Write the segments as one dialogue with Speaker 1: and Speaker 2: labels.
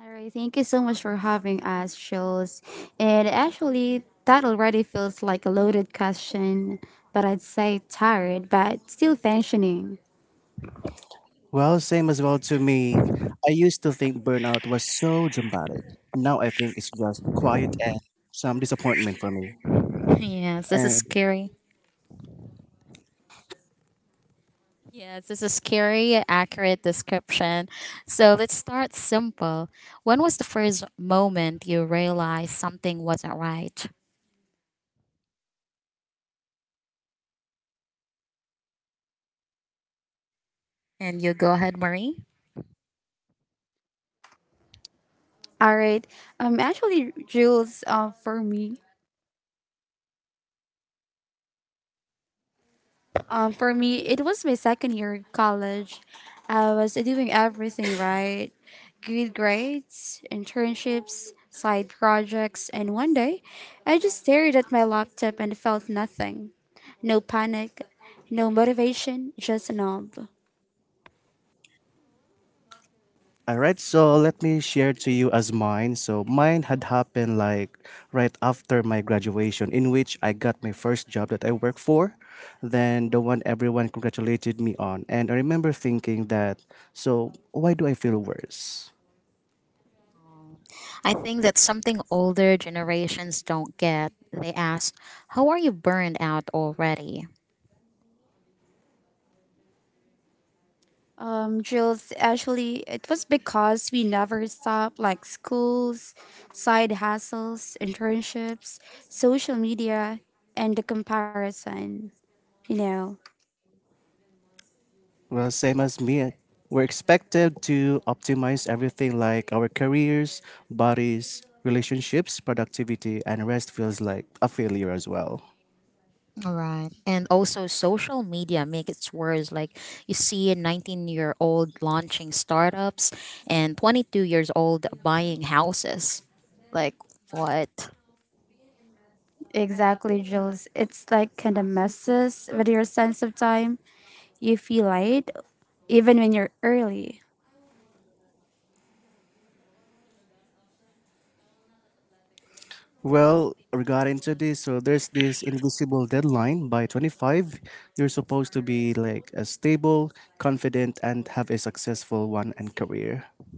Speaker 1: All right, thank you so much for having us, Jules. And actually, that already feels like a loaded question, but I'd say tired, but still functioning.
Speaker 2: Well, same as well to me. I used to think burnout was so dramatic. Now I think it's just quiet and some disappointment for me. And
Speaker 1: All right, actually, Jules, for me, For me, it was my second year in college. I was doing everything right good grades, internships, side projects, and one day I just stared at my laptop and felt nothing. No panic, no motivation, just a numb.
Speaker 2: all right, so let me share to you as mine. So mine had happened like right after my graduation, in which I got my first job that I worked for, then the one everyone congratulated me on. And I remember thinking that, so why do I feel worse?
Speaker 1: Jules, actually, it was because we never stopped like schools, side hustles, internships, social media, and the comparison, you know.
Speaker 2: Well, same as me. We're expected to optimize everything like our careers, bodies, relationships, productivity, and rest feels like a failure as well.
Speaker 1: Exactly, Jules. It's like kind of messes with your sense of time. You feel late, even when you're early.
Speaker 2: Well, regarding to this, so there's this invisible deadline by 25. You're supposed to be like a stable, confident, and have a successful one and career.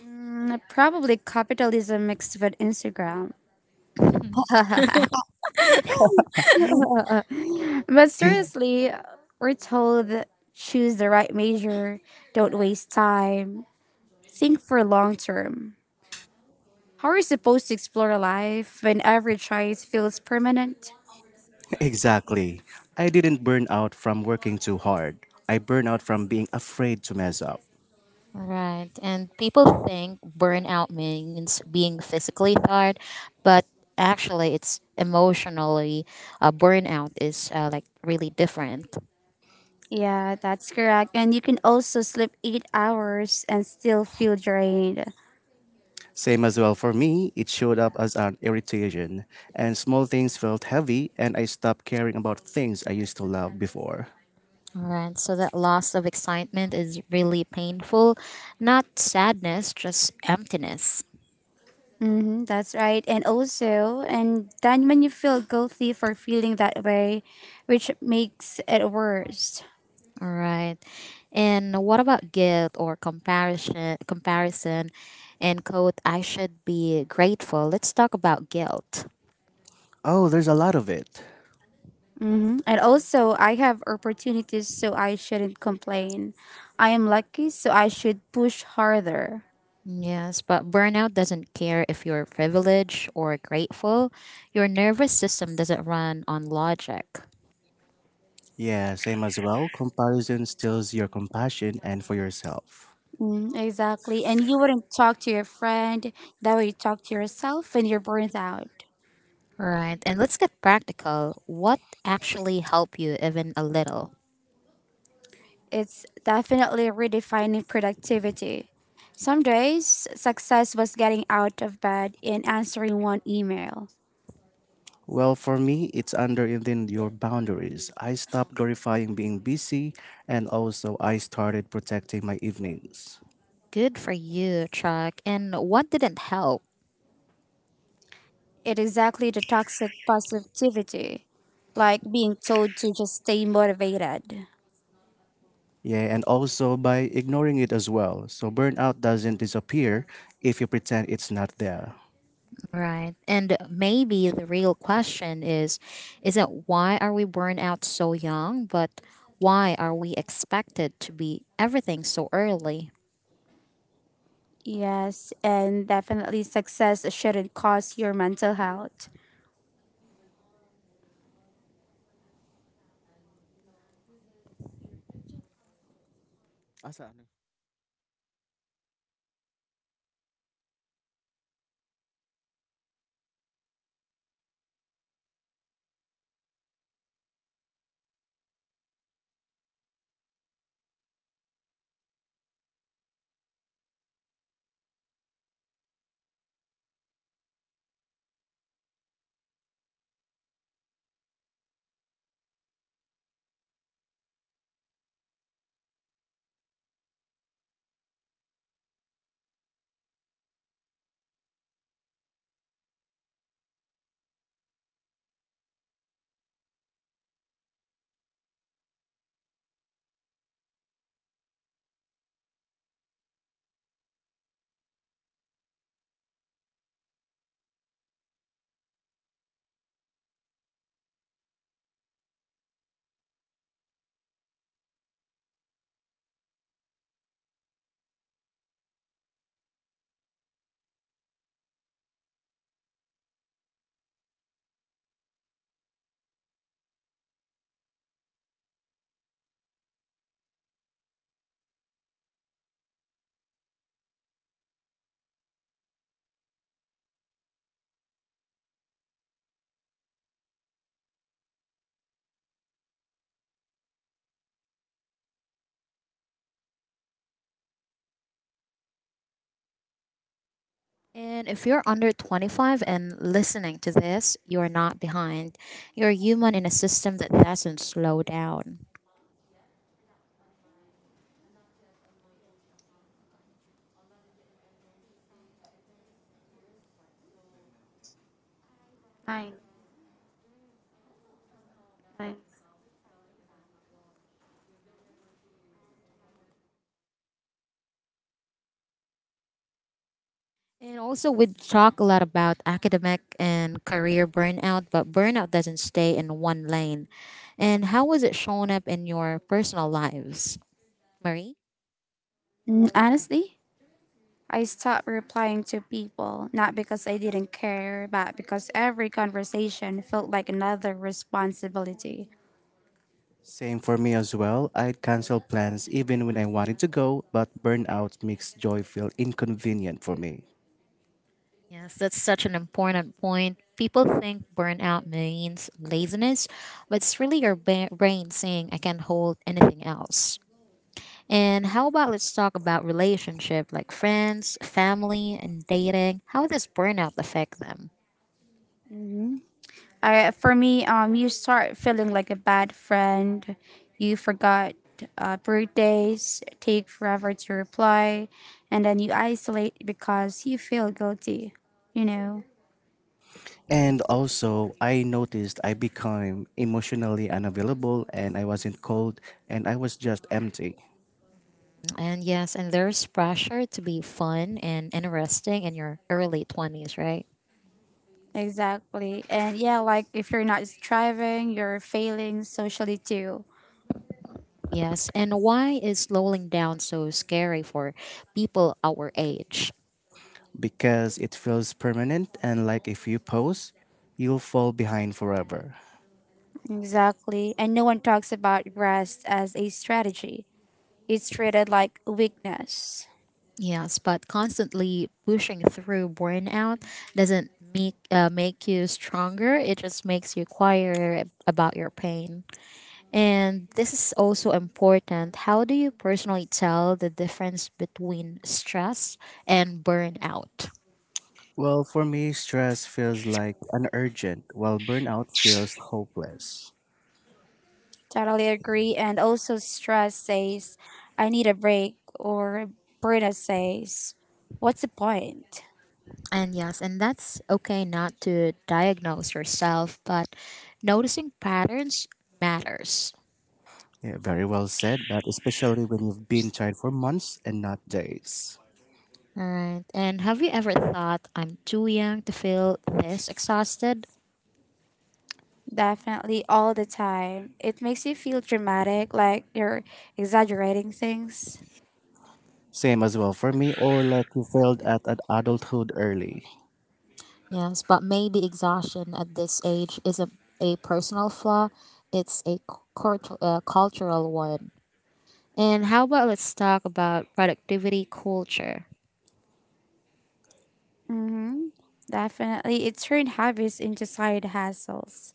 Speaker 1: Mm, probably capitalism mixed with Instagram. But seriously, we're told that choose the right major, don't waste time, think for long term. How are you supposed to explore life when every choice feels permanent?
Speaker 2: Exactly. I didn't burn out from working too hard. I burn out from being afraid to mess up.
Speaker 1: Yeah, that's correct. And you can also sleep 8 hours and still feel drained.
Speaker 2: Same as well for me, it showed up as an irritation, and small things felt heavy, and I stopped caring about things I used to love before.
Speaker 1: Mm-hmm, that's right. And also, and then when you feel guilty for feeling that way, which makes it worse.
Speaker 2: Oh, there's a lot of it.
Speaker 1: Mm-hmm. And also, I have opportunities, so I shouldn't complain. I am lucky, so I should push harder.
Speaker 2: Yeah, same as well. Comparison steals your compassion and for yourself.
Speaker 1: Mm, exactly. And you wouldn't talk to your friend that way you talk to yourself when you're burnt out. It's definitely redefining productivity. Some days, success was getting out of bed and answering one email.
Speaker 2: Well, for me, it's under within your boundaries. I stopped glorifying being busy, and also I started protecting my evenings.
Speaker 1: It exactly the toxic positivity, like being told to just stay motivated.
Speaker 2: Yeah, and also by ignoring it as well. So burnout doesn't disappear if you pretend it's not there.
Speaker 1: Yes, and definitely success shouldn't cost your mental health. Fine, fine. Honestly, I stopped replying to people, not because I didn't care, but because every conversation felt like another responsibility.
Speaker 2: Same for me as well. I'd cancel plans even when I wanted to go, but burnout makes joy feel inconvenient for me.
Speaker 1: For me, you start feeling like a bad friend. You forgot birthdays, take forever to reply, and then you isolate because you feel guilty. You know
Speaker 2: And also, I noticed I became emotionally unavailable and I wasn't cold and I was just empty.
Speaker 1: exactly, and yeah, like if you're not striving, you're failing socially too.
Speaker 2: Because it feels permanent and like if you pause, you'll fall behind forever.
Speaker 1: Exactly, and no one talks about rest as a strategy. It's treated like weakness.
Speaker 2: Well, for me, stress feels like an urgent, while burnout feels hopeless.
Speaker 1: Totally agree. And also, stress says, I need a break, or burnout says, what's the point?
Speaker 2: Yeah, very well said, but especially when you've been tried for months and not days.
Speaker 1: Definitely all the time. It makes you feel dramatic, like you're exaggerating things.
Speaker 2: Same as well for me, or like you failed at an adulthood early.
Speaker 1: Mm-hmm. Definitely. It turned habits into side hassles.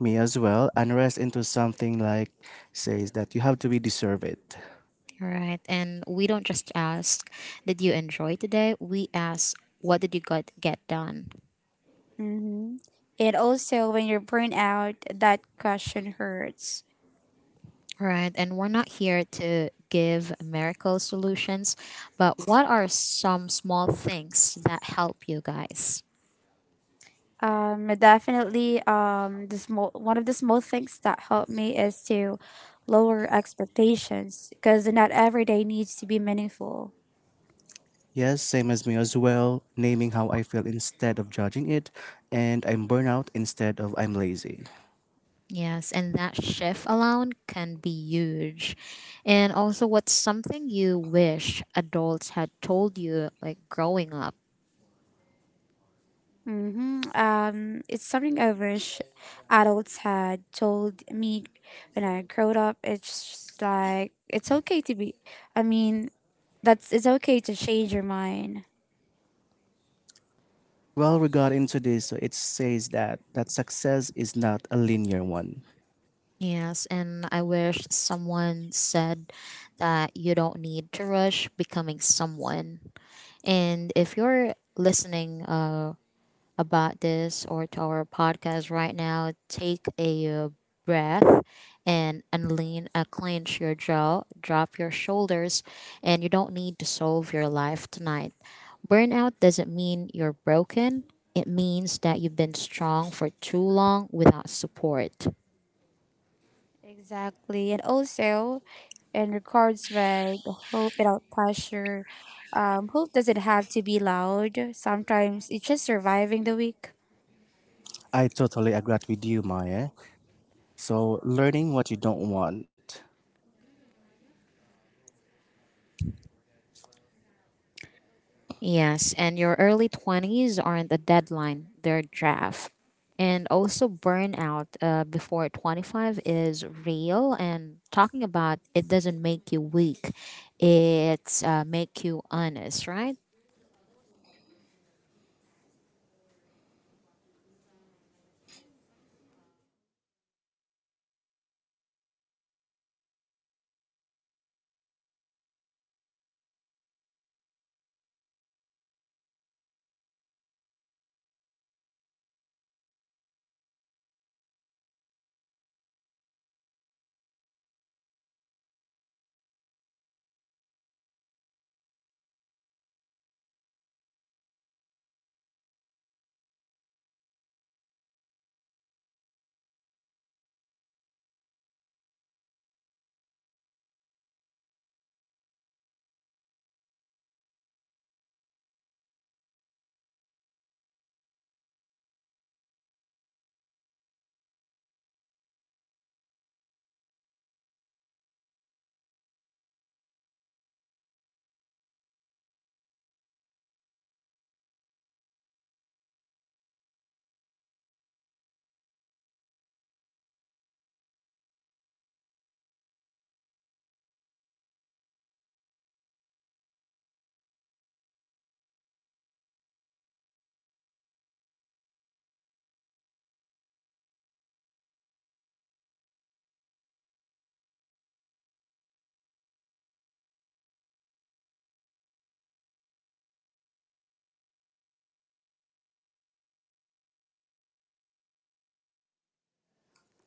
Speaker 2: Me as well, unrest into something like says that you have to be deserve it.
Speaker 1: Mm-hmm. And also, when you're burned out, that question hurts. Definitely. The small one of the small things that help me is to lower expectations because not every day needs to be meaningful.
Speaker 2: Yes, same as me as well, naming how I feel instead of judging it, and I'm burnout instead of I'm lazy.
Speaker 1: Mm-hmm. It's something I wish adults had told me when I growed up. It's just like it's okay to be. I mean, that's it's okay to change your mind.
Speaker 2: Well, we got into this, so it says that success is not a linear one.
Speaker 1: Exactly, and also and records vibe hope without pressure. Hope doesn't have to be loud. Sometimes it's just surviving the week.
Speaker 2: I totally agree with you, Maya. So, learning what you don't want.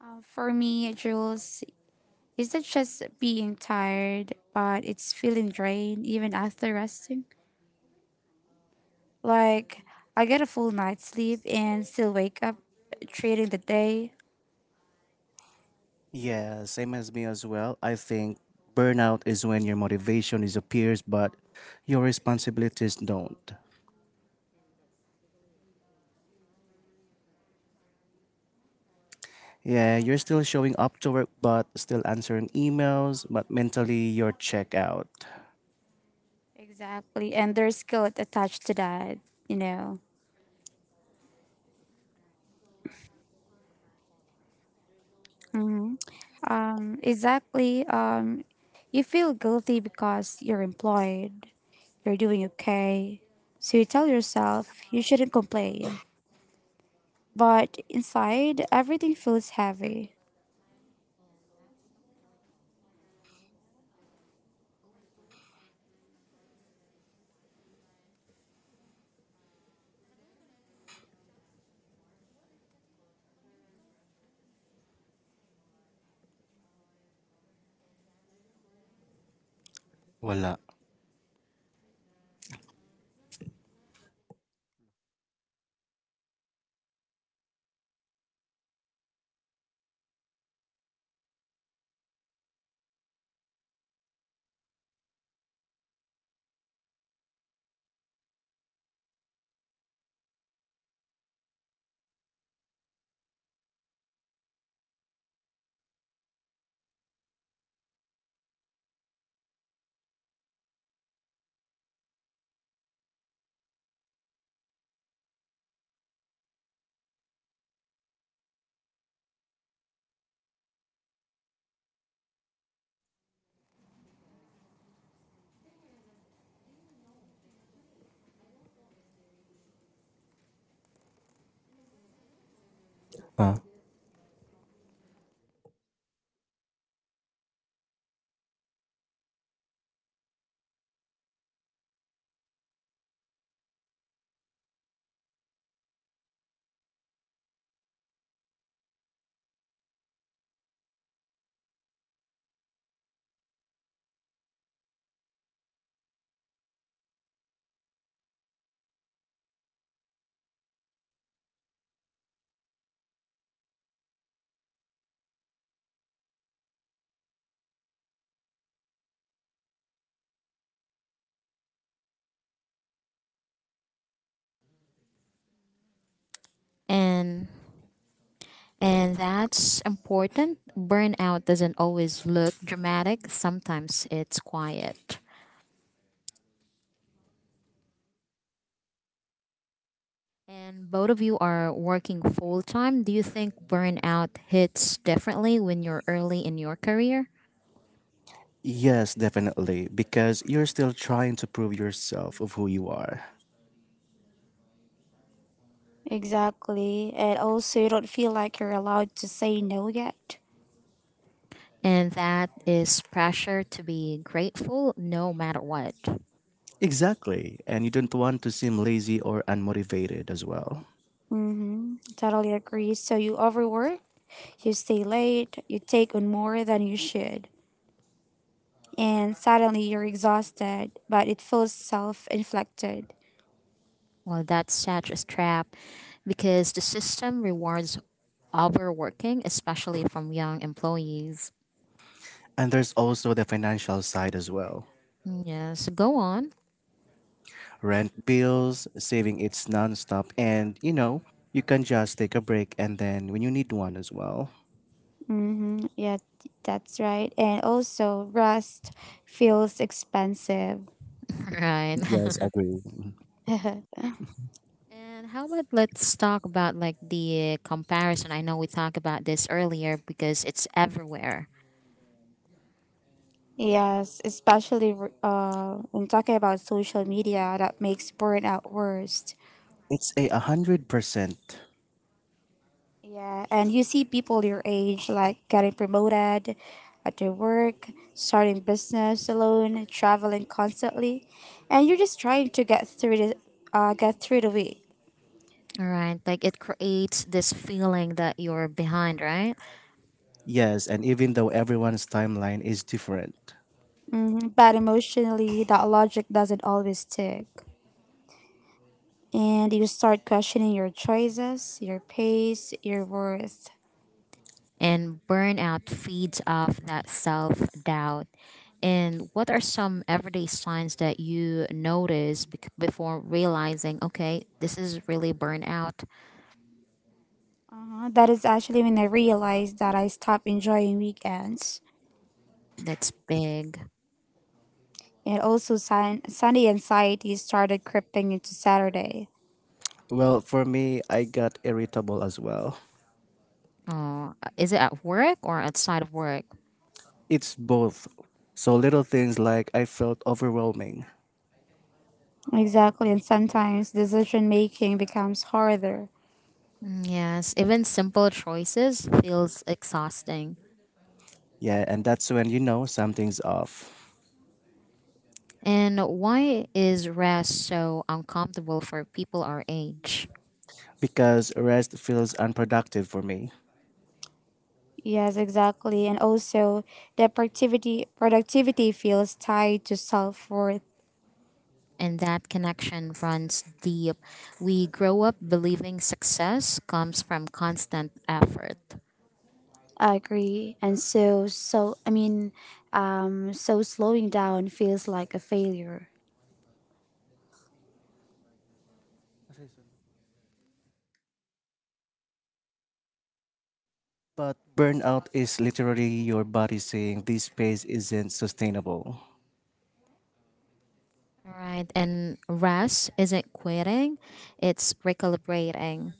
Speaker 1: For me, Jules, it's not just being tired, but it's feeling drained even after resting. Like I get a full night's sleep and still wake up treating the day.
Speaker 2: Yeah, same as me as well. I think burnout is when your motivation disappears, but your responsibilities don't. Yeah, you're still showing up to work, but still answering emails, but mentally you're checked out.
Speaker 1: Exactly, and there's guilt attached to that, you know. Hmm. Exactly. You feel guilty because you're employed, you're doing okay. So you tell yourself you shouldn't complain. But inside, everything feels heavy.
Speaker 2: Wala.
Speaker 3: and and that's important. Burnout doesn't always look dramatic, sometimes it's quiet. And both of you are working full time. Do you think burnout hits differently when you're early in your career?
Speaker 2: Yes, definitely, because you're still trying to prove yourself of who you are.
Speaker 1: Exactly. And also, you don't feel like you're allowed to say no yet.
Speaker 3: And that is pressure to be grateful no matter what.
Speaker 2: Exactly, and you don't want to seem lazy or unmotivated as well.
Speaker 1: Mm-hmm. Totally agree. So you overwork, you stay late, you take on more than you should, and suddenly you're exhausted, but it feels self inflicted.
Speaker 3: Well, that's such a trap, because the system rewards overworking, especially from young employees.
Speaker 2: And there's also the financial side as well.
Speaker 3: Yes, go on.
Speaker 2: Rent bills, saving it's nonstop, and you know, you can just take a break and then when you need one as well.
Speaker 1: Mm-hmm. Yeah, that's right. And also, rest feels expensive.
Speaker 3: Right.
Speaker 2: Yes, agree.
Speaker 3: And how about let's talk about like the comparison? I know we talked about this earlier because it's everywhere.
Speaker 1: Yes, especially when talking about social media, that makes burnout worse.
Speaker 2: It's 100%.
Speaker 1: Yeah, and you see people your age like getting promoted at their work, starting business alone, traveling constantly, and you're just trying to get through the week.
Speaker 3: All right, like it creates this feeling that you're behind, right?
Speaker 2: Yes, and even though everyone's timeline is different.
Speaker 1: Mm-hmm. But emotionally, that logic doesn't always stick. And you start questioning your choices, your pace, your worth.
Speaker 3: And burnout feeds off that self doubt. And what are some everyday signs that you notice before realizing, okay, this is really burnout?
Speaker 1: Uh-huh. That is actually when I realized that I stopped enjoying weekends.
Speaker 3: That's big.
Speaker 1: And also, Sunday anxiety started creeping into Saturday.
Speaker 2: Well, for me, I got irritable as well.
Speaker 3: Is it at work or outside of work?
Speaker 2: It's both. So little things like I felt overwhelming.
Speaker 1: Exactly, and sometimes decision making becomes harder.
Speaker 3: Mm, yes, even simple choices feels exhausting.
Speaker 2: Yeah, and that's when you know something's off.
Speaker 3: And why is rest so uncomfortable for people our age?
Speaker 2: Because rest feels unproductive for me.
Speaker 1: Yes, exactly, and also the productivity feels tied to self worth.
Speaker 3: And that connection runs deep. We grow up believing success comes from constant effort.
Speaker 1: I agree, and so slowing down feels like a failure.
Speaker 2: But burnout is literally your body saying this pace isn't sustainable.
Speaker 3: Right, and rest isn't quitting, it's recalibrating.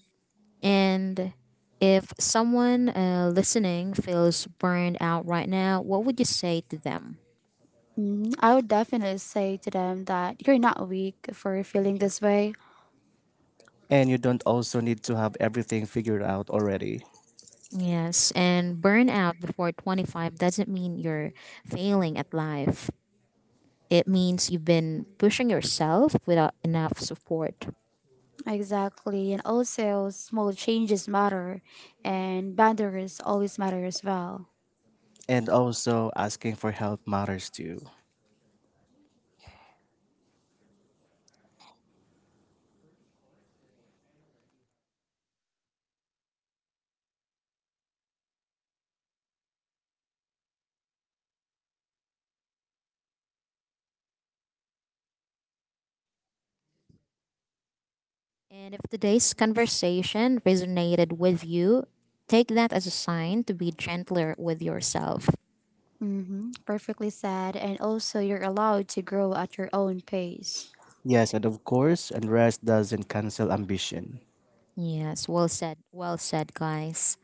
Speaker 3: And if someone listening feels burned out right now, what would you say to them?
Speaker 1: Mm, I would definitely say to them that you're not weak for feeling this way.
Speaker 2: And you don't also need to have everything figured out already.
Speaker 3: Yes, and burnout before 25 doesn't mean you're failing at life. It means you've been pushing yourself without enough support.
Speaker 1: Exactly. And also, small changes matter, and boundaries always matter as well.
Speaker 2: And also, asking for help matters too.
Speaker 3: And if today's conversation resonated with you, take that as a sign to be gentler with yourself.
Speaker 1: Hmm. Perfectly said. And also, you're allowed to grow at your own pace.
Speaker 2: Yes, and of course, and rest doesn't cancel ambition.
Speaker 3: Yes, well said, guys.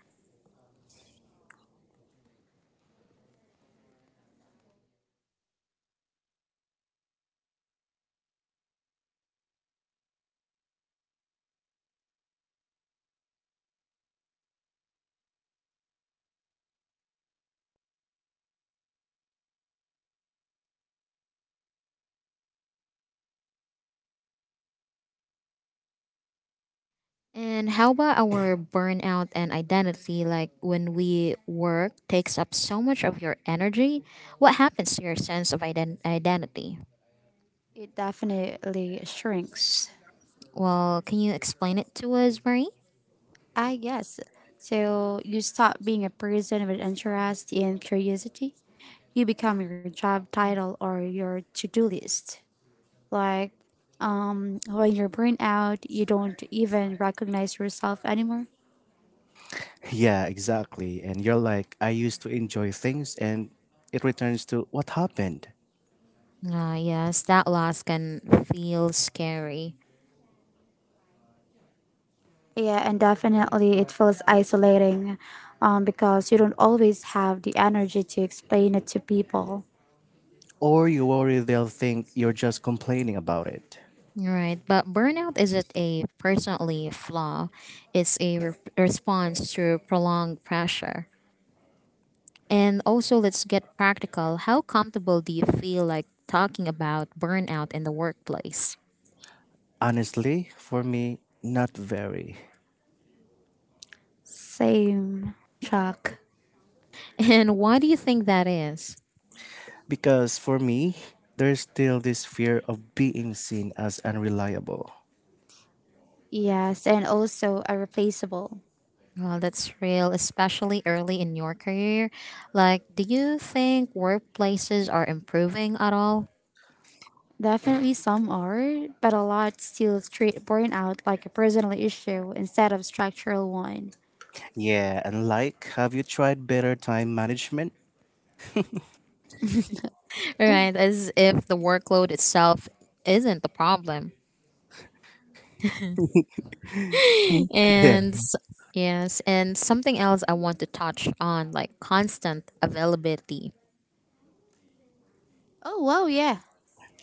Speaker 3: And how about our burnout and identity? Like when we work takes up so much of your energy, what happens to your sense of identity?
Speaker 1: It definitely shrinks.
Speaker 3: Well, can you explain it to us, Marie?
Speaker 1: Ah, yes. So, you stop being a person with interest and curiosity. You become your job title or your to do list. Like, when you're burned out, you don't even recognize yourself anymore.
Speaker 2: Yeah, exactly. And you're like, I used to enjoy things, and it returns to what happened.
Speaker 3: Ah, yes, that loss can feel scary.
Speaker 1: Yeah, and definitely it feels isolating because you don't always have the energy to explain it to people.
Speaker 2: Or you worry they'll think you're just complaining about it.
Speaker 3: Right, but burnout isn't a personally flaw. It's a response to prolonged pressure. And also, let's get practical. How comfortable do you feel like talking about burnout in the workplace?
Speaker 2: Honestly, for me, not very.
Speaker 1: Same, Chuck.
Speaker 3: And why do you think that is?
Speaker 2: Because for me, there's still this fear of being seen as unreliable.
Speaker 1: Yes, and also are replaceable.
Speaker 3: Well, that's real, especially early in your career. Like, do you think workplaces are improving at all?
Speaker 1: Definitely some are, but a lot still treat burnout like a personal issue instead of structural one.
Speaker 2: Yeah, and like, have you tried better time management?
Speaker 1: Oh,
Speaker 3: Right, as if the workload itself isn't the problem.
Speaker 2: Yeah.
Speaker 3: And s- yes, and something else I want to touch on, like constant availability,
Speaker 1: oh, wow, yeah.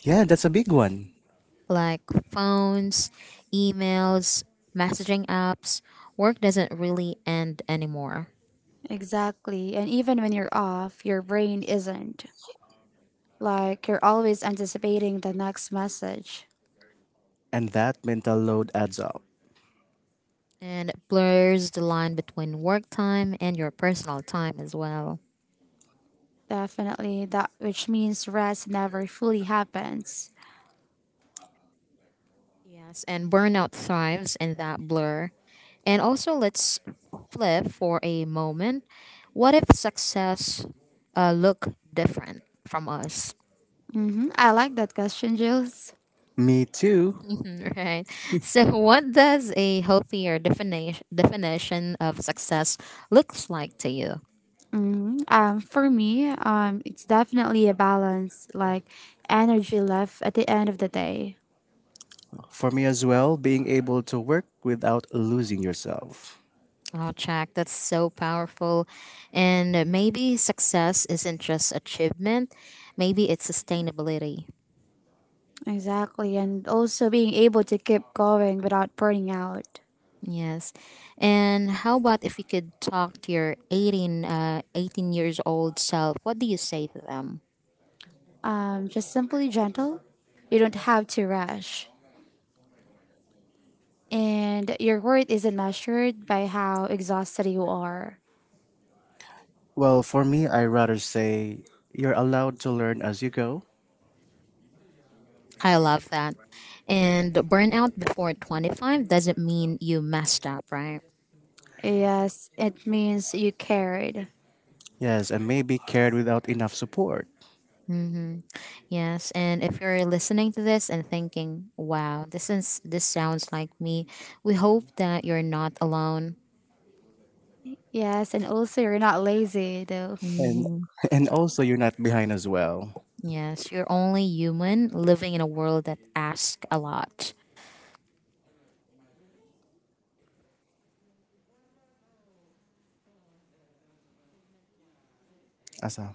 Speaker 2: Yeah, that's a big one.
Speaker 3: like phones, emails, messaging apps. Work doesn't really end anymore.
Speaker 1: Exactly. And even when you're off, your brain isn't. Like you're always anticipating the next message.
Speaker 2: And that mental load adds up.
Speaker 3: And it blurs the line between work time and your personal time as well.
Speaker 1: Definitely that which means rest never fully happens.
Speaker 3: Yes, and burnout thrives in that blur. And also, let's flip for a moment. What if success look different from us?
Speaker 1: Hmm. I like that question, Jules.
Speaker 2: Me too.
Speaker 3: Right. So, what does a healthier definition of success looks like to you?
Speaker 1: Hmm. For me, it's definitely a balance, like energy left at the end of the day.
Speaker 2: For me as well, being able to work without losing yourself.
Speaker 3: Oh, check. That's so powerful. And maybe success isn't just achievement. Maybe it's sustainability.
Speaker 1: Exactly, and also being able to keep going without burning out.
Speaker 3: Yes. And how about if you could talk to your 18 years old self? What do you say to them?
Speaker 1: Just simply gentle. You don't have to rush, and your worth isn't measured by how exhausted you are.
Speaker 2: Well, for me, I rather say you're allowed to learn as you go.
Speaker 3: I love that. And burnout before 25 doesn't mean you messed up, right?
Speaker 1: Yes, it means you cared.
Speaker 2: Yes, and maybe cared without enough support.
Speaker 3: Mm-hmm. Yes. And if you're listening to this and thinking, wow, this is this sounds like me, we hope that you're not alone.
Speaker 1: Yes, and also you're not lazy though.
Speaker 2: And
Speaker 3: Mm-hmm.
Speaker 2: and also you're not behind as well.
Speaker 3: Yes, you're only human living in a world that asks a lot.
Speaker 2: Asa.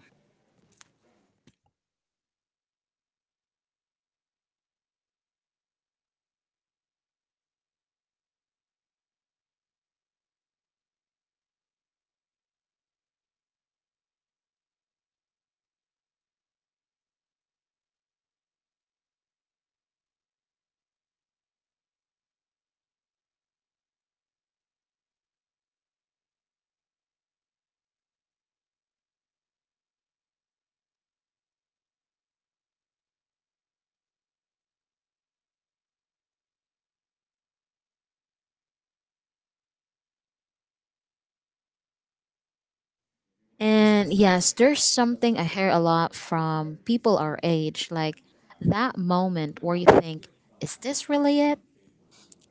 Speaker 3: And yes, there's something I hear a lot from people our age, like that moment where you think, is this really it?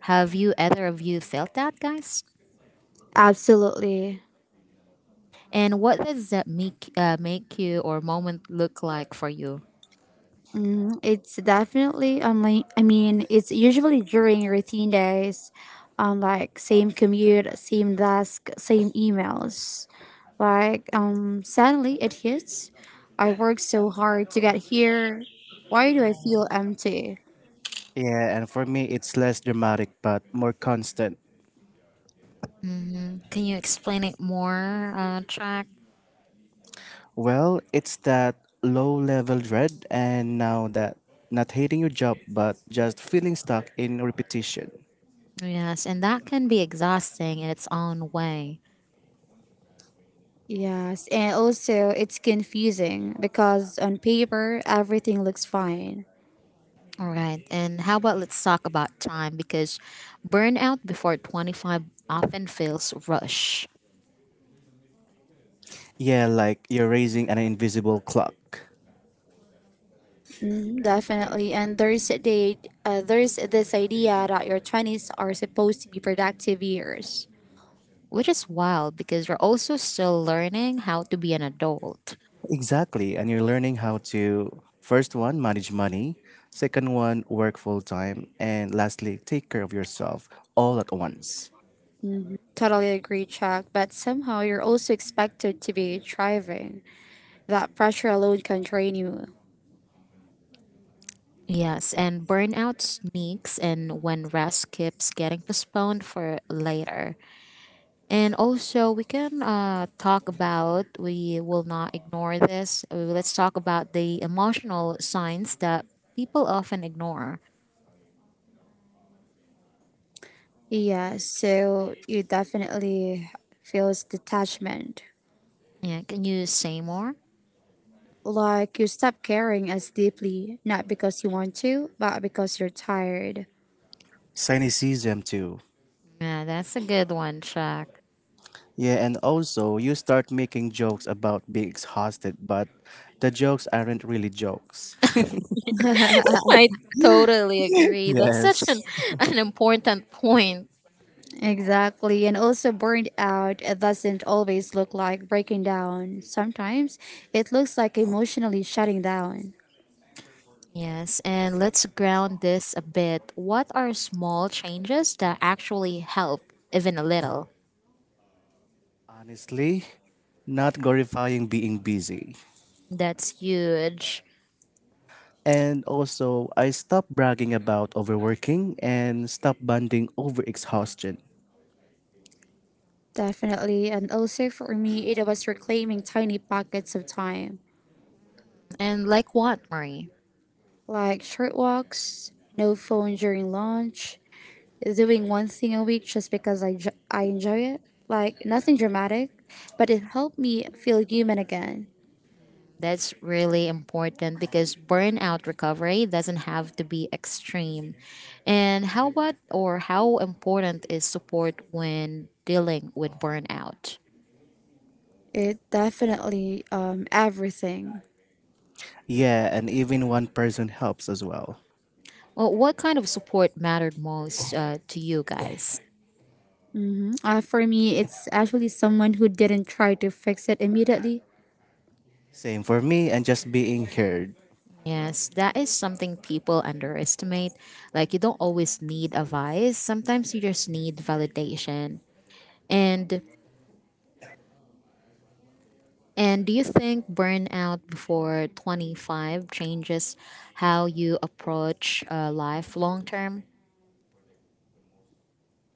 Speaker 3: Have you either of you felt that, guys?
Speaker 1: Absolutely.
Speaker 3: And what does that make you or moment look like for you?
Speaker 1: Mm, it's definitely like, I mean, It's usually during routine days, like same commute, same desk, same emails. Suddenly it hits. I worked so hard to get here. Why do I feel empty?
Speaker 2: Yeah, and for me, it's less dramatic but more constant.
Speaker 3: Hmm. Can you explain it more, Jack?
Speaker 2: Well, it's that low level dread, and now that not hating your job but just feeling stuck in repetition.
Speaker 3: Yes, and that can be exhausting in its own way.
Speaker 1: Yes, and also it's confusing because on paper everything looks fine.
Speaker 3: All right, and how about let's talk about time, because burnout before 25 often feels rushed,
Speaker 2: Yeah, like you're raising an invisible clock.
Speaker 1: Mhm. Definitely, and there's this idea that your twenties are supposed to be productive years.
Speaker 3: which is wild because you're also still learning how to be an adult.
Speaker 2: Exactly, and you're learning how to first one, manage money, second one, work full time, and lastly, take care of yourself all at once.
Speaker 1: Hmm. Totally agree, Chuck. But somehow you're also expected to be thriving. That pressure alone can drain you.
Speaker 3: Yes, and burnout sneaks in when rest keeps getting postponed for later. And also, we can we will not ignore this. Let's talk about the emotional signs that people often ignore.
Speaker 1: Yeah, so you definitely feels detachment.
Speaker 3: Yeah, can you say more?
Speaker 1: Like you stop caring as deeply, not because you want to, but because you're tired.
Speaker 2: Cynicism, too.
Speaker 3: Yeah, that's a good one, Chuck.
Speaker 2: Yeah, and also you start making jokes about being exhausted, but the jokes aren't really jokes.
Speaker 3: I totally agree. That's
Speaker 2: Yes.
Speaker 3: an important point.
Speaker 1: Exactly. And also, burned out doesn't always look like breaking down. Sometimes it looks like emotionally shutting down.
Speaker 3: Yes, and let's ground this a bit. What are small changes that actually help, even a little?
Speaker 2: Honestly, not glorifying being busy.
Speaker 3: That's huge.
Speaker 2: And also, I stopped bragging about overworking and stopped bonding over exhaustion.
Speaker 1: Definitely. And also, for me, it was reclaiming tiny pockets of time,
Speaker 3: And like what, Marie?
Speaker 1: like short walks, no phone during lunch, doing one thing a week just because I enjoy it. Like nothing dramatic, but it helped me feel human again.
Speaker 3: That's really important because burnout recovery doesn't have to be extreme. And how what or how important is support when dealing with burnout?
Speaker 1: It definitely, everything.
Speaker 2: Yeah, and even one person helps as well.
Speaker 3: Well, what kind of support mattered most to you guys?
Speaker 1: Hmm. For me, it's actually someone who didn't try to fix it immediately.
Speaker 2: Same for me and just being heard.
Speaker 3: Yes, that is something people underestimate. Like, you don't always need advice, sometimes you just need validation. And and do you think burnout before 25 changes how you approach life long term?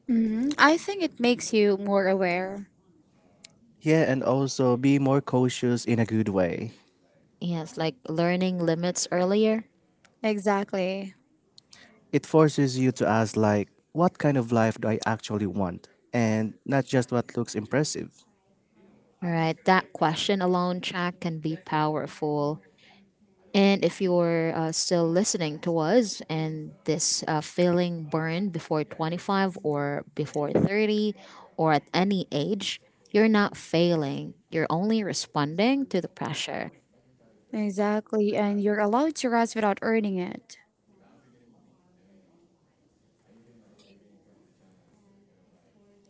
Speaker 1: Hmm. I think it makes you more aware.
Speaker 2: Yeah, and also be more cautious in a good way.
Speaker 3: Yes, like learning limits earlier.
Speaker 1: Exactly.
Speaker 2: It forces you to ask, like, what kind of life do I actually want? And not just what looks impressive.
Speaker 3: All right, that question alone, Jack, can be powerful. And if you're still listening to us and this feeling burned before 25 or before 30 or at any age, you're not failing. You're only responding to the pressure.
Speaker 1: Exactly. And you're allowed to rest without earning it.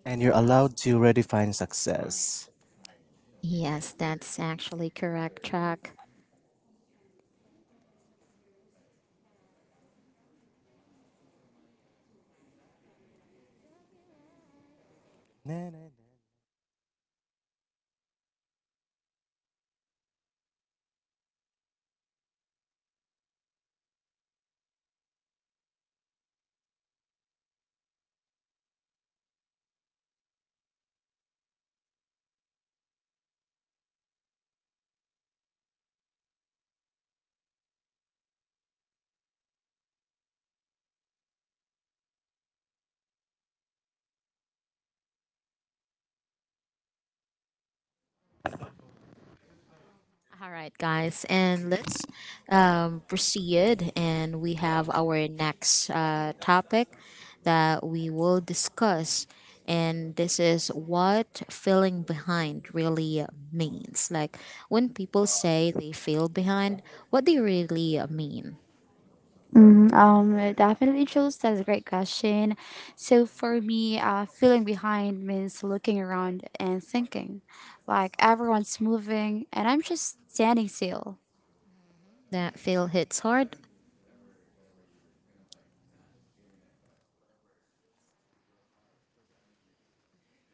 Speaker 2: And you're allowed to redefine success.
Speaker 3: Yes, that's actually correct, Chuck.
Speaker 2: Na, na, na.
Speaker 3: All right, guys, and let's proceed. And we have our next topic that we will discuss. And this is what feeling behind really means. Like when people say they feel behind, what they really mean.
Speaker 1: It definitely shows. That's a great question. So for me, feeling behind means looking around and thinking, like everyone's moving and I'm just standing still.
Speaker 3: That feel hits hard.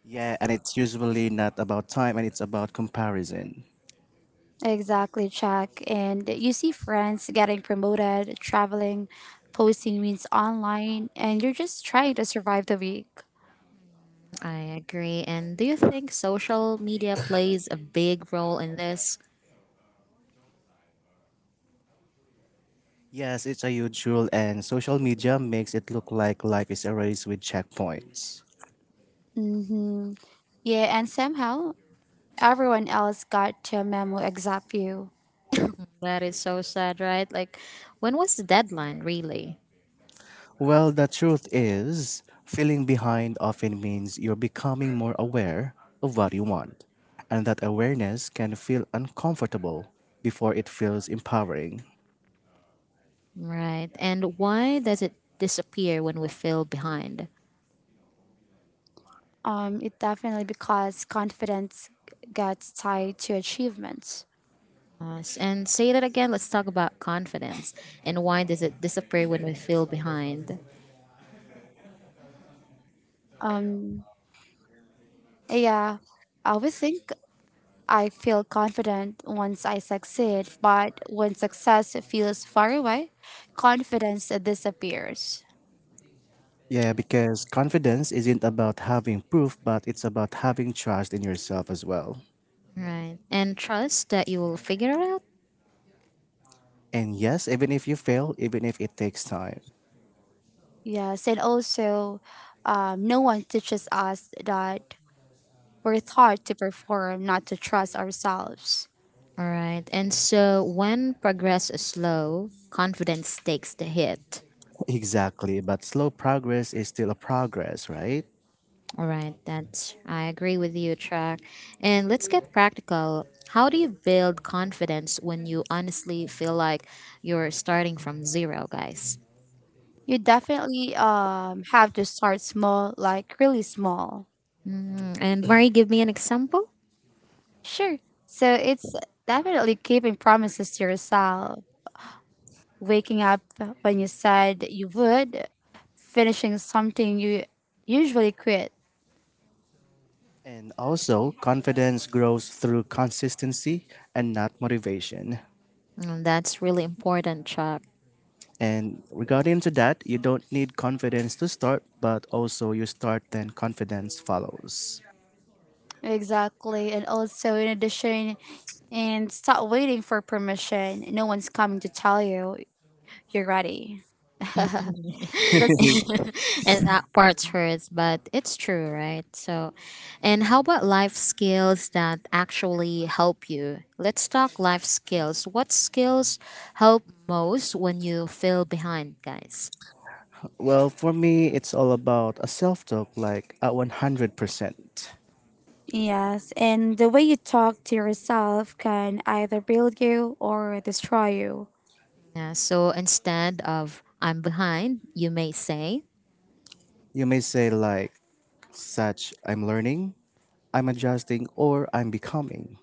Speaker 2: Yeah, and it's usually not about time and it's about comparison.
Speaker 1: Exactly, Chuck. And you see friends getting promoted, traveling, posting means online, and you're just trying to survive the week.
Speaker 3: I agree. And do you think social media plays a big role in this?
Speaker 2: Yes, it's a huge rule, and social media makes it look like life is a race with checkpoints.
Speaker 1: Mm-hmm. Yeah, and somehow everyone else got to a memo except you.
Speaker 3: That is so sad, right? Like, when was the deadline really?
Speaker 2: Well, the truth is, feeling behind often means you're becoming more aware of what you want, and that awareness can feel uncomfortable before it feels empowering.
Speaker 3: Right. And why does it disappear when we feel behind?
Speaker 1: It definitely because confidence gets tied to achievements.
Speaker 3: And say that again. Let's talk about confidence. And why does it disappear when we feel behind?
Speaker 1: Um, yeah, I always think I feel confident once I succeed, but when success feels far away, confidence disappears.
Speaker 2: Yeah, because confidence isn't about having proof, but it's about having trust in yourself as well.
Speaker 3: Right. And trust that you will figure it out.
Speaker 2: And yes, even if you fail, even if it takes time.
Speaker 1: Yes, and also, no one teaches us that we're taught to perform, not to trust ourselves.
Speaker 3: All right. And so when progress is slow, confidence takes the hit.
Speaker 2: Exactly, but slow progress is still a progress, right?
Speaker 3: All right. That's, I agree with you, Track. And let's get practical. How do you build confidence when you honestly feel like you're starting from zero, guys?
Speaker 1: You definitely have to start small, like really small.
Speaker 3: Mm, and Mari, give me an example.
Speaker 1: Sure. So it's definitely keeping promises to yourself, waking up when you said you would, finishing something you usually quit.
Speaker 2: And also, confidence grows through consistency and not motivation.
Speaker 3: Mm, that's really important, Chuck.
Speaker 2: And regarding to that, you don't need confidence to start, but also you start then confidence follows.
Speaker 1: Exactly. And also, in addition, and stop waiting for permission. No one's coming to tell you you're ready.
Speaker 3: And
Speaker 1: That's
Speaker 3: that parts hurts, but it's true, right? So, and how about life skills that actually help you? Let's talk life skills. What skills help most when you feel behind, guys?
Speaker 2: Well, for me, it's all about a self-talk like at 100%.
Speaker 1: yes. And the way you talk to yourself can either build you or destroy you.
Speaker 3: Yeah, so instead of I'm behind, you may say,
Speaker 2: You may say like such I'm learning, I'm adjusting or I'm becoming.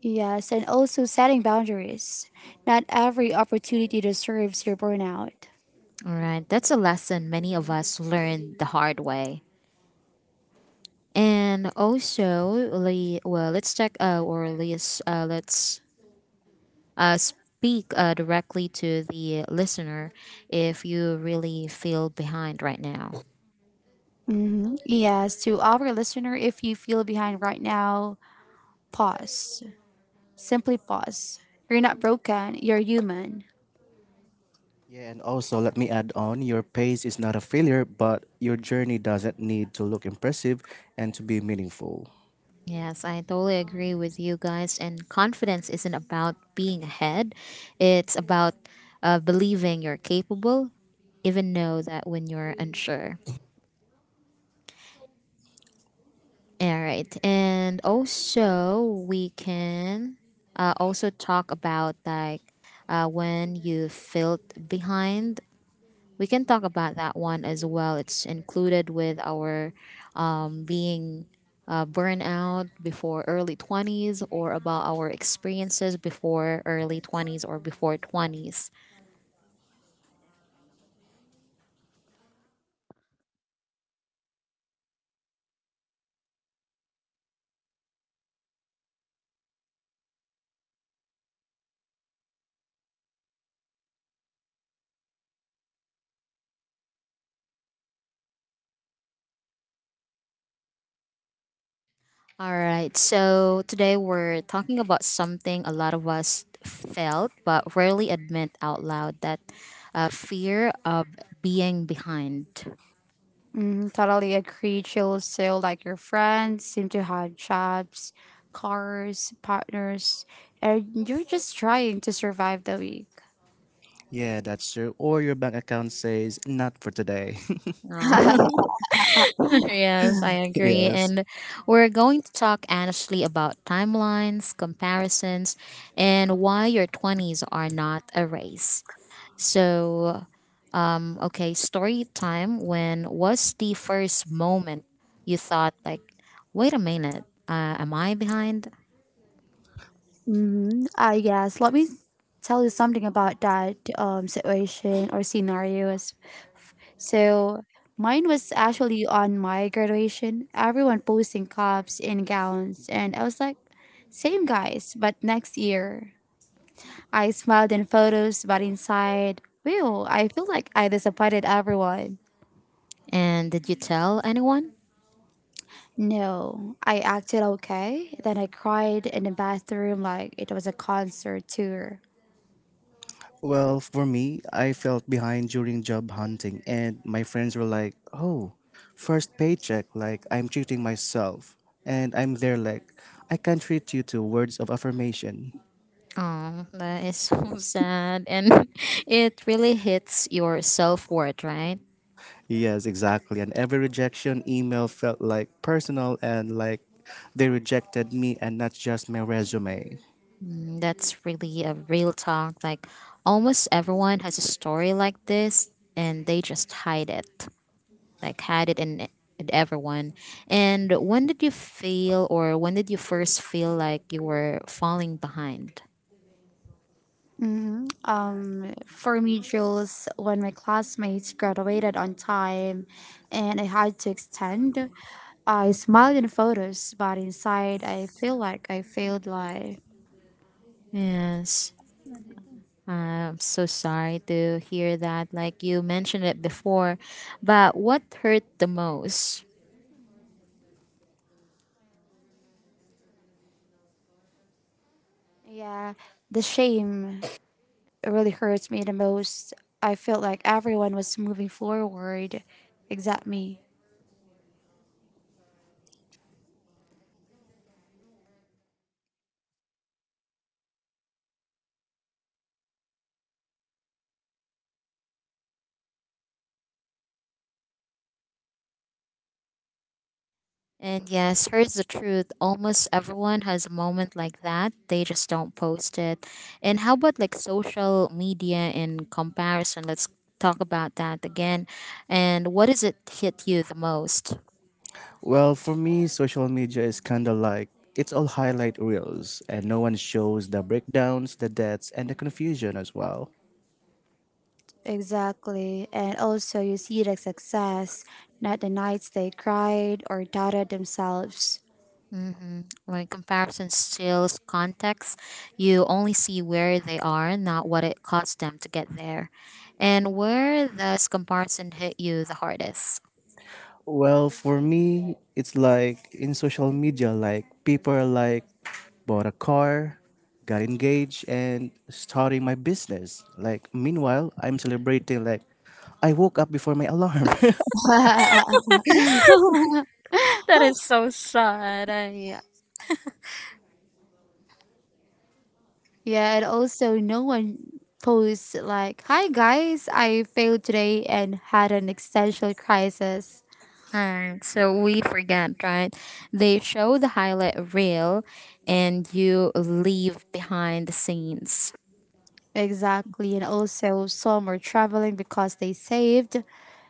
Speaker 1: Yes. And also, setting boundaries. Not every opportunity deserves your burnout.
Speaker 3: all right, that's a lesson many of us learned the hard way. And also, let's check or let's speak directly to the listener if you really feel behind right now.
Speaker 1: Mm-hmm. Yes. To our listener, if you feel behind right now, pause. Simply pause. You're not broken, you're human.
Speaker 2: Yeah, and also let me add on your pace is not a failure, but your journey doesn't need to look impressive and to be meaningful.
Speaker 3: Yes, I totally agree with you guys. And confidence isn't about being ahead; it's about believing you're capable, even know that when you're unsure. All right, and also we can also talk about like when you felt behind. We can talk about that one as well. It's included with our being burnout before early twenties, or about our experiences before early twenties or before twenties. All right. So today we're talking about something a lot of us felt but rarely admit out loud, that fear of being behind.
Speaker 1: Mm, totally agree. Chill still like your friends seem to have jobs, cars, partners, and you're just trying to survive the week.
Speaker 2: Yeah, that's true. Or your bank account says not for today.
Speaker 3: Uh, yes, I agree.
Speaker 2: Yes.
Speaker 3: And we're going to talk honestly about timelines, comparisons, and why your 20s are not a race. So, okay, story time. When was the first moment you thought, like, wait a minute, am I behind?
Speaker 1: Mm-hmm. Yes, let me tell you something about that situation or scenario as so mine was actually on my graduation. Everyone posting cups and gowns, and I was like, same guys, but next year. I smiled in photos, but inside, well, I feel like I disappointed everyone.
Speaker 3: And did you tell anyone?
Speaker 1: No, I acted okay. Then I cried in the bathroom like it was a concert tour.
Speaker 2: Well, for me, I felt behind during job hunting, and my friends were like, oh, first paycheck, like I'm treating myself. And I'm there, like, I can treat you to words of affirmation.
Speaker 3: Oh, that is so sad. And it really hits your self worth, right?
Speaker 2: Yes, exactly. And every rejection email felt like personal and like they rejected me and not just my resume.
Speaker 3: Mm, that's really a real talk. Like, almost everyone has a story like this, and they just hide it. Like had it in e, in everyone. And when did you feel or when did you first feel like you were falling behind?
Speaker 1: Hmm. For me, Jules, when my classmates graduated on time and I had to extend, I smiled in photos, but inside I feel like I failed life.
Speaker 3: Yes. I'm so sorry to hear that. Like you mentioned it before, but what hurt the most?
Speaker 1: Yeah, the shame really hurts me the most. I felt like everyone was moving forward except me.
Speaker 3: And yes, here's the truth. Almost everyone has a moment like that. They just don't post it. And how about like social media in comparison? Let's talk about that again. And what does it hit you the most?
Speaker 2: Well, for me, social media is kind of like it's all highlight reels, and no one shows the breakdowns, the debts, and the confusion as well.
Speaker 1: Exactly. And also, you see the success, not the nights they cried or doubted themselves.
Speaker 3: Mm-hmm. Like comparison steals context. You only see where they are, not what it cost them to get there. And where does comparison hit you the hardest?
Speaker 2: Well, for me, it's like in social media, like people are like bought a car, got engaged, and starting my business. Like meanwhile, I'm celebrating like I woke up before my alarm.
Speaker 3: That is so sad. I,
Speaker 1: Yeah, and also, no one posts like, hi guys, I failed today and had an existential crisis.
Speaker 3: Alright, so we forget, right? They show the highlight reel and you leave behind the scenes.
Speaker 1: Exactly. And also, some are traveling because they saved,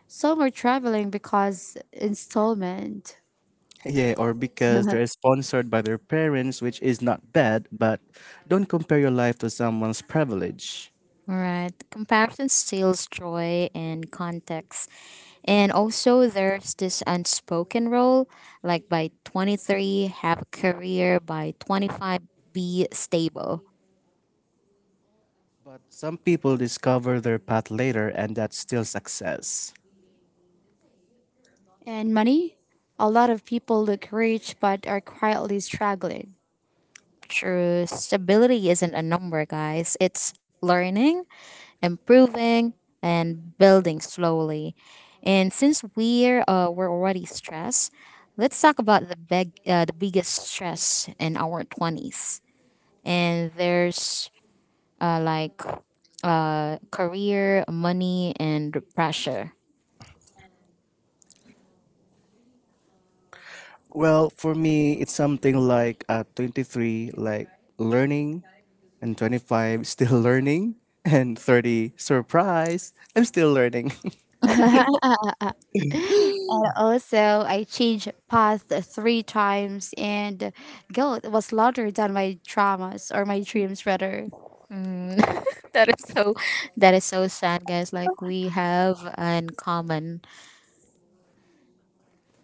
Speaker 1: some are traveling because installment.
Speaker 2: Yeah, or because they're sponsored by their parents, which is not bad, but don't compare your life to someone's privilege.
Speaker 3: All right. Comparison steals joy and context. And also, there's this unspoken rule, like by 23, have a career, by 25, be stable.
Speaker 2: But some people discover their path later, and that's still success.
Speaker 1: And money? A lot of people look rich but are quietly struggling.
Speaker 3: True stability isn't a number, guys. It's learning, improving, and building slowly. And since we're already stressed, let's talk about the biggest stress in our twenties. And there's uh, like career, money, and pressure.
Speaker 2: Well, for me, it's something like at 23, like learning, and 25, still learning, and 30, surprise, I'm still learning.
Speaker 1: And also, I changed path three times, and guilt was louder than my traumas or my dreams, rather.
Speaker 3: Mm, that is so that is so sad guys, like we have in common.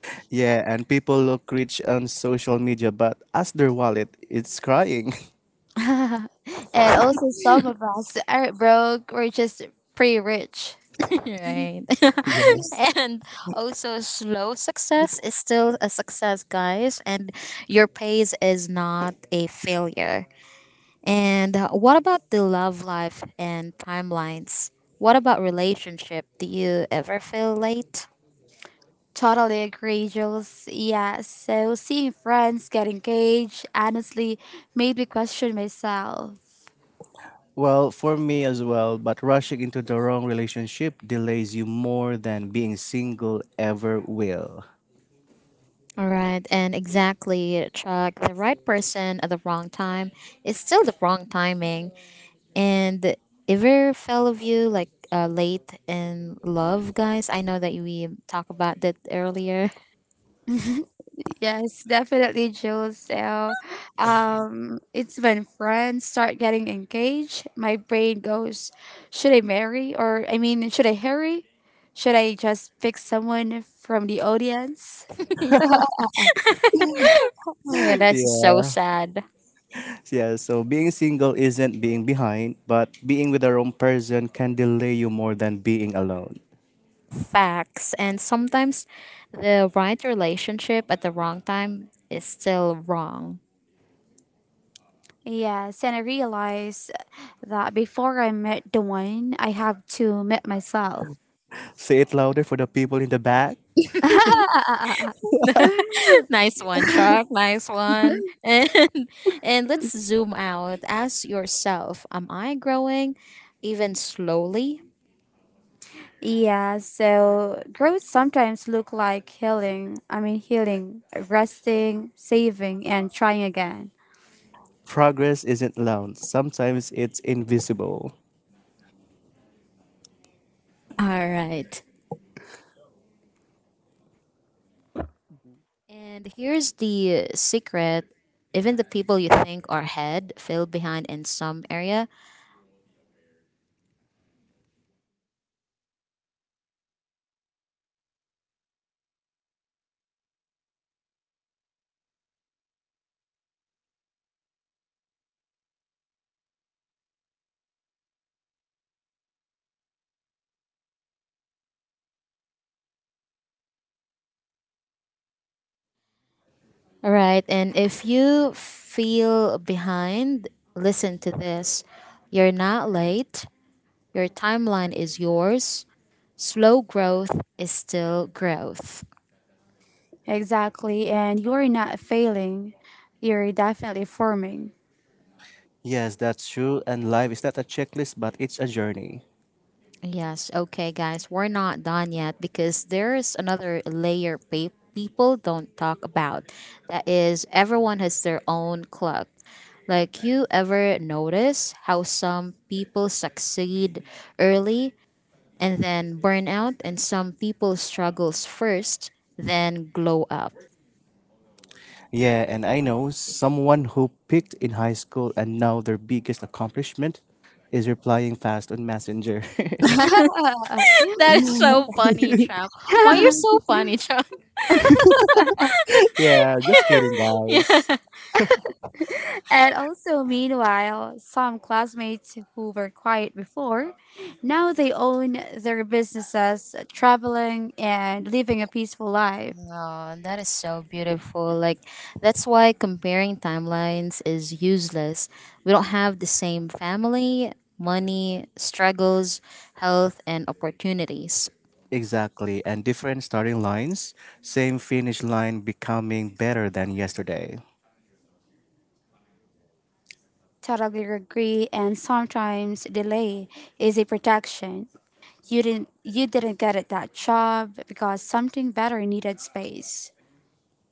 Speaker 2: Yeah, and people look rich on social media, but as their wallet, it's crying.
Speaker 1: And also, some of us are not broke we're just pretty rich.
Speaker 3: Right. And also slow success is still a success, guys. And your pace is not a failure. And what about the love life and timelines, what about relationship, do you ever feel late?
Speaker 1: Totally agree, Jules. Yeah, so seeing friends get engaged honestly made me question myself.
Speaker 2: Well, for me as well, but rushing into the wrong relationship delays you more than being single ever will.
Speaker 3: All right, and exactly, Chuck. The right person at the wrong time is still the wrong timing. And ever fell of you like late in love, guys? I know that we talked about that earlier.
Speaker 1: Yes, definitely, Jules. So, it's when friends start getting engaged, my brain goes, should I marry? Or, I mean, should I hurry? Should I just pick someone from the audience?
Speaker 3: Oh my god, that's so
Speaker 2: Yeah.
Speaker 3: sad.
Speaker 2: Yeah. So being single isn't being behind, but being with the wrong person can delay you more than being alone.
Speaker 3: Facts. And sometimes the right relationship at the wrong time is still wrong.
Speaker 1: Yes, and I realized that before I met the one, I have to meet myself.
Speaker 2: Say it louder for the people in the back.
Speaker 3: Nice one, Chuck. Nice one. And let's zoom out. Ask yourself, am I growing even slowly?
Speaker 1: Yeah, so growth sometimes look like healing. Healing, resting, saving and trying again.
Speaker 2: Progress isn't loud, sometimes it's invisible.
Speaker 3: All right. And here's the secret. Even the people you think are ahead feel behind in some area. All right. And if you feel behind, listen to this. You're not late. Your timeline is yours. Slow growth is still growth.
Speaker 1: Exactly, and you're not failing. You're definitely forming.
Speaker 2: Yes, that's true, and life is not a checklist, but it's a journey.
Speaker 3: Yes, okay, guys, we're not done yet because there's another layer people don't talk about. That is, everyone has their own clock. Like, you ever notice how some people succeed early and then burn out, and some people struggles first, then glow up?
Speaker 2: Yeah, and I know someone who picked in high school and now their biggest accomplishment is replying fast on Messenger.
Speaker 3: That is so funny, Chuck. Why you're so funny, Chuck?
Speaker 2: Yeah, just kidding, guys.
Speaker 3: Yeah.
Speaker 1: And also meanwhile, some classmates who were quiet before, now they own their businesses, traveling and living a peaceful life.
Speaker 3: Oh, that is so beautiful. Like, that's why comparing timelines is useless. We don't have the same family, money, struggles, health, and opportunities.
Speaker 2: Exactly, and different starting lines, same finish line becoming better than yesterday.
Speaker 1: Totally agree, and sometimes delay is a protection. You didn't get it that job because something better needed space.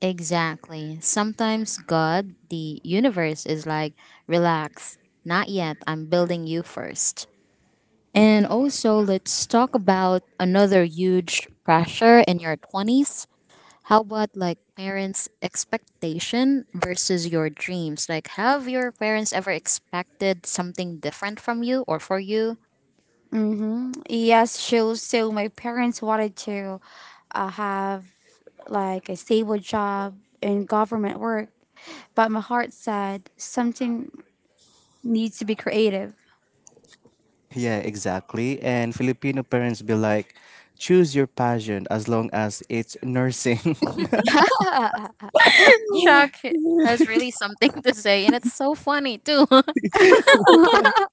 Speaker 3: Exactly. Sometimes God, the universe, is like, relax, not yet, I'm building you first. And also, let's talk about another huge pressure in your 20s. How about like parents' expectation versus your dreams? Like, have your parents ever expected something different from you or for you?
Speaker 1: Mm-hmm. Yes, so so my parents wanted to have like a stable job in government work, but my heart said something needs to be creative.
Speaker 2: Yeah, exactly. And Filipino parents be like, choose your passion as long as it's nursing. Yes.
Speaker 3: Chuck has really something to say, and it's so funny too.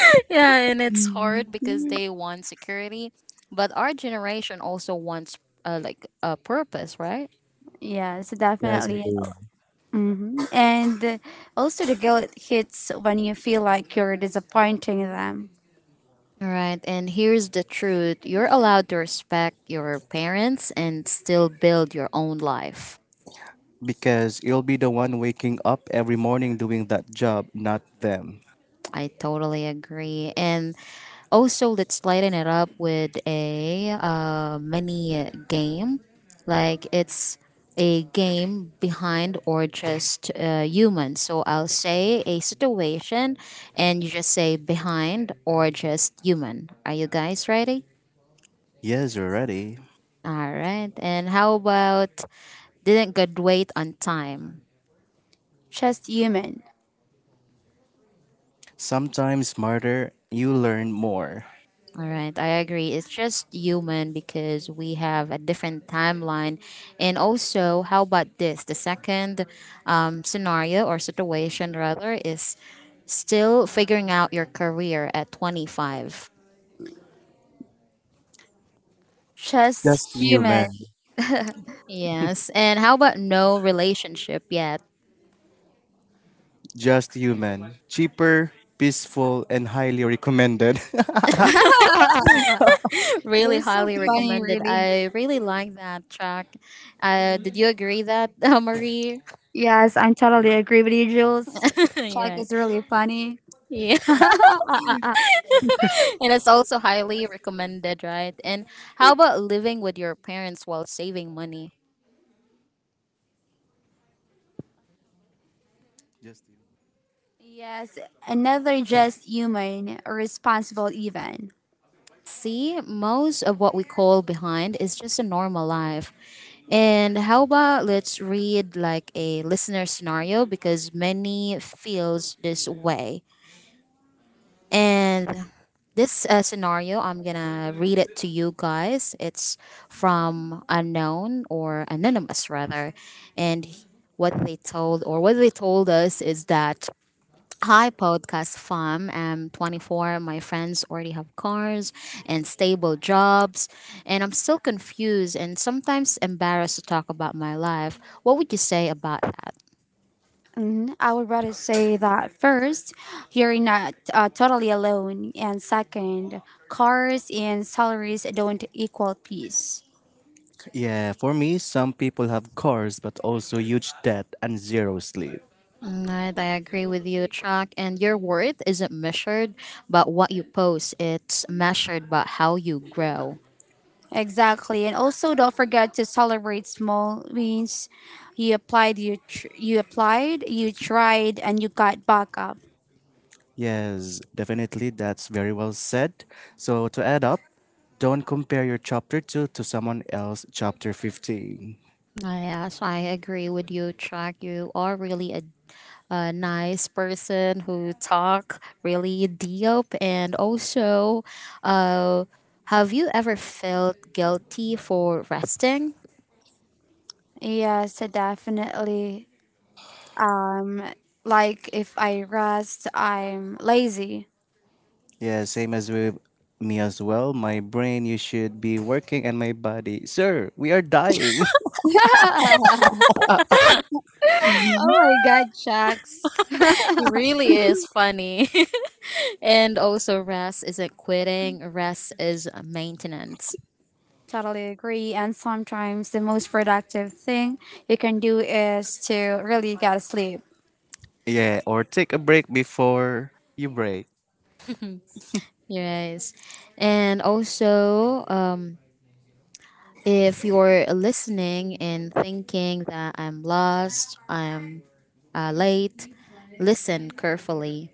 Speaker 3: Yeah, and it's hard because they want security, but our generation also wants like a purpose, right?
Speaker 1: Yes,
Speaker 2: Yes,
Speaker 1: definitely.
Speaker 2: agree.
Speaker 1: Hmm. And also, the guilt hits when you feel like you're disappointing them.
Speaker 3: All right, and here's the truth, you're allowed to respect your parents and still build your own life.
Speaker 2: Because you'll be the one waking up every morning doing that job, not them.
Speaker 3: I totally agree. And also, let's lighten it up with a mini game. Like, it's a game behind or just human. So I'll say a situation and you just say behind or just human. Are you guys ready?
Speaker 2: Yes, you're ready.
Speaker 3: All right. And how about didn't graduate on time?
Speaker 1: Just human.
Speaker 2: Sometimes smarter, you learn more.
Speaker 3: All right, I agree. It's just human because we have a different timeline. And also, how about this? The second scenario or situation, rather, is still figuring out your career at 25.
Speaker 2: Just
Speaker 1: Just human.
Speaker 2: human.
Speaker 3: Yes. And how about no relationship yet?
Speaker 2: Just human. Cheaper, peaceful, and highly recommended.
Speaker 3: Really
Speaker 1: You're so
Speaker 3: highly
Speaker 1: funny,
Speaker 3: recommended.
Speaker 1: really.
Speaker 3: I really like that track. Did you agree that, Marie?
Speaker 1: Yes, I totally agree with you, Jules. Chuck is really funny.
Speaker 3: Yeah. And it's also highly recommended, right? And how about living with your parents while saving money?
Speaker 2: Just human.
Speaker 1: Yes, another just human, responsible even.
Speaker 3: See, most of what we call behind is just a normal life. And how about let's read like a listener scenario because many feels this way. And this scenario, I'm gonna read it to you guys. It's from unknown or anonymous rather, and what they told or what they told us is that, hi, podcast fam. I'm 24. My friends already have cars and stable jobs, and I'm still confused and sometimes embarrassed to talk about my life. What would you say about that?
Speaker 1: Mhm. I would rather say that first, you're not totally alone, and second, cars and salaries don't equal peace.
Speaker 2: Yeah, for me, some people have cars but also huge debt and zero sleep.
Speaker 3: Right, I agree with you, Chuck. And your worth isn't measured by what you post, it's measured by how you grow.
Speaker 1: Exactly, and also don't forget to celebrate small wins. You applied, you applied, you tried, and you got back up.
Speaker 2: Yes, definitely, that's very well said. So, to add up, don't compare your chapter 2 to someone else chapter 15.
Speaker 3: Ah, yes, I agree with you, Chuck. You are really a nice person who talk really deep and also uh, have you ever felt guilty for resting?
Speaker 1: Yes, definitely. Um, like if I rest, I'm lazy.
Speaker 2: Yeah, same as with me as well. My brain, you should be working, and my body, sir, we are dying.
Speaker 1: Oh my God, Jax.
Speaker 3: It really is funny. And also rest isn't quitting, rest is maintenance.
Speaker 1: Totally agree. And sometimes the most productive thing you can do is to really get sleep.
Speaker 2: Yeah, or take a break before you break.
Speaker 3: Yes. And also, if you're listening and thinking that I'm lost, I'm late, listen carefully.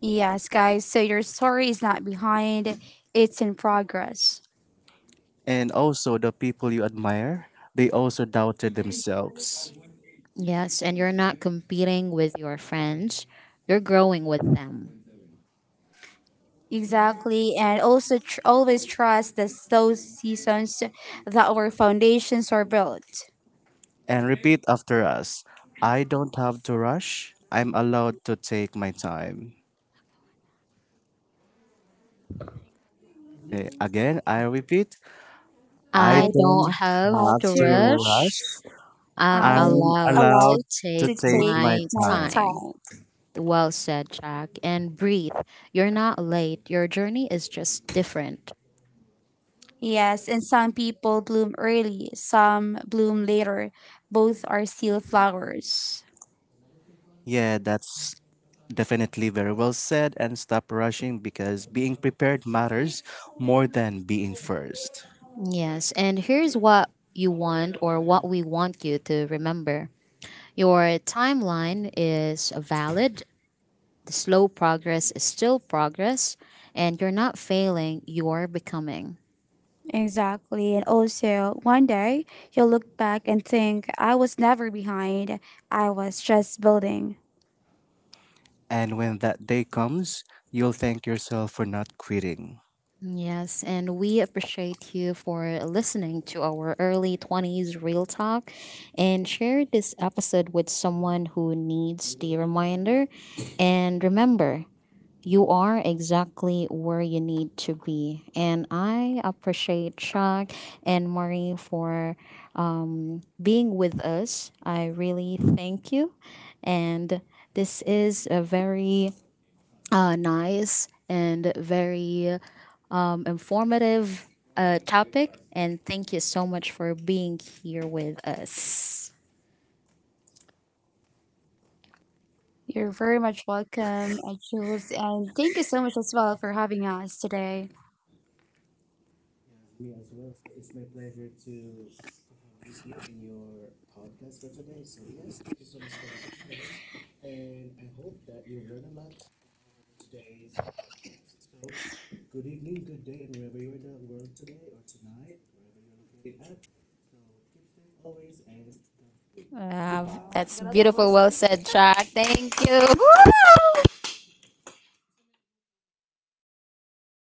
Speaker 1: Yes, guys. So your story is not behind, it's in progress.
Speaker 2: And also, the people you admire, they also doubted themselves.
Speaker 3: Yes, and you're not competing with your friends, you're growing with them.
Speaker 1: Exactly. And also always trust that those seasons that our foundations are built.
Speaker 2: And repeat after us. I don't have to rush. I'm allowed to take my time. Okay, again, I repeat. I
Speaker 1: I
Speaker 3: I don't
Speaker 2: don't
Speaker 1: have
Speaker 3: have
Speaker 2: have
Speaker 3: to
Speaker 2: to
Speaker 1: to.
Speaker 3: rush.
Speaker 2: rush.
Speaker 3: I'm
Speaker 1: I'm
Speaker 2: I'm
Speaker 3: allowed to
Speaker 1: allowed
Speaker 2: allowed to
Speaker 1: to
Speaker 3: take
Speaker 2: take
Speaker 1: take
Speaker 2: my
Speaker 3: my
Speaker 1: my
Speaker 2: time.
Speaker 3: time.
Speaker 1: time.
Speaker 3: Well said, Jack. And breathe. You're not late. Your journey is just different.
Speaker 1: Yes, and some people bloom early, some bloom later. Both are still flowers.
Speaker 2: Yeah, that's definitely very well said. And stop rushing because being prepared matters more than being first.
Speaker 3: Yes, and here's what you want or what we want you to remember. Your timeline is valid. The slow progress is still progress, and you're not failing, you're becoming.
Speaker 1: Exactly. And also, one day you'll look back and think, I was never behind. I was just building.
Speaker 2: And when that day comes, you'll thank yourself for not quitting.
Speaker 3: Yes, and we appreciate you for listening to our early 20s real talk and share this episode with someone who needs the reminder. And remember, you are exactly where you need to be. And I appreciate Chuck and Marie for being with us. I really thank you. And this is a very nice and very informative topic. And thank you so much for being here with us.
Speaker 1: You're very much welcome, Jules. And thank you so much as well for having us today.
Speaker 3: Wow, that's beautiful. Well said, Jack. Thank you. Woo!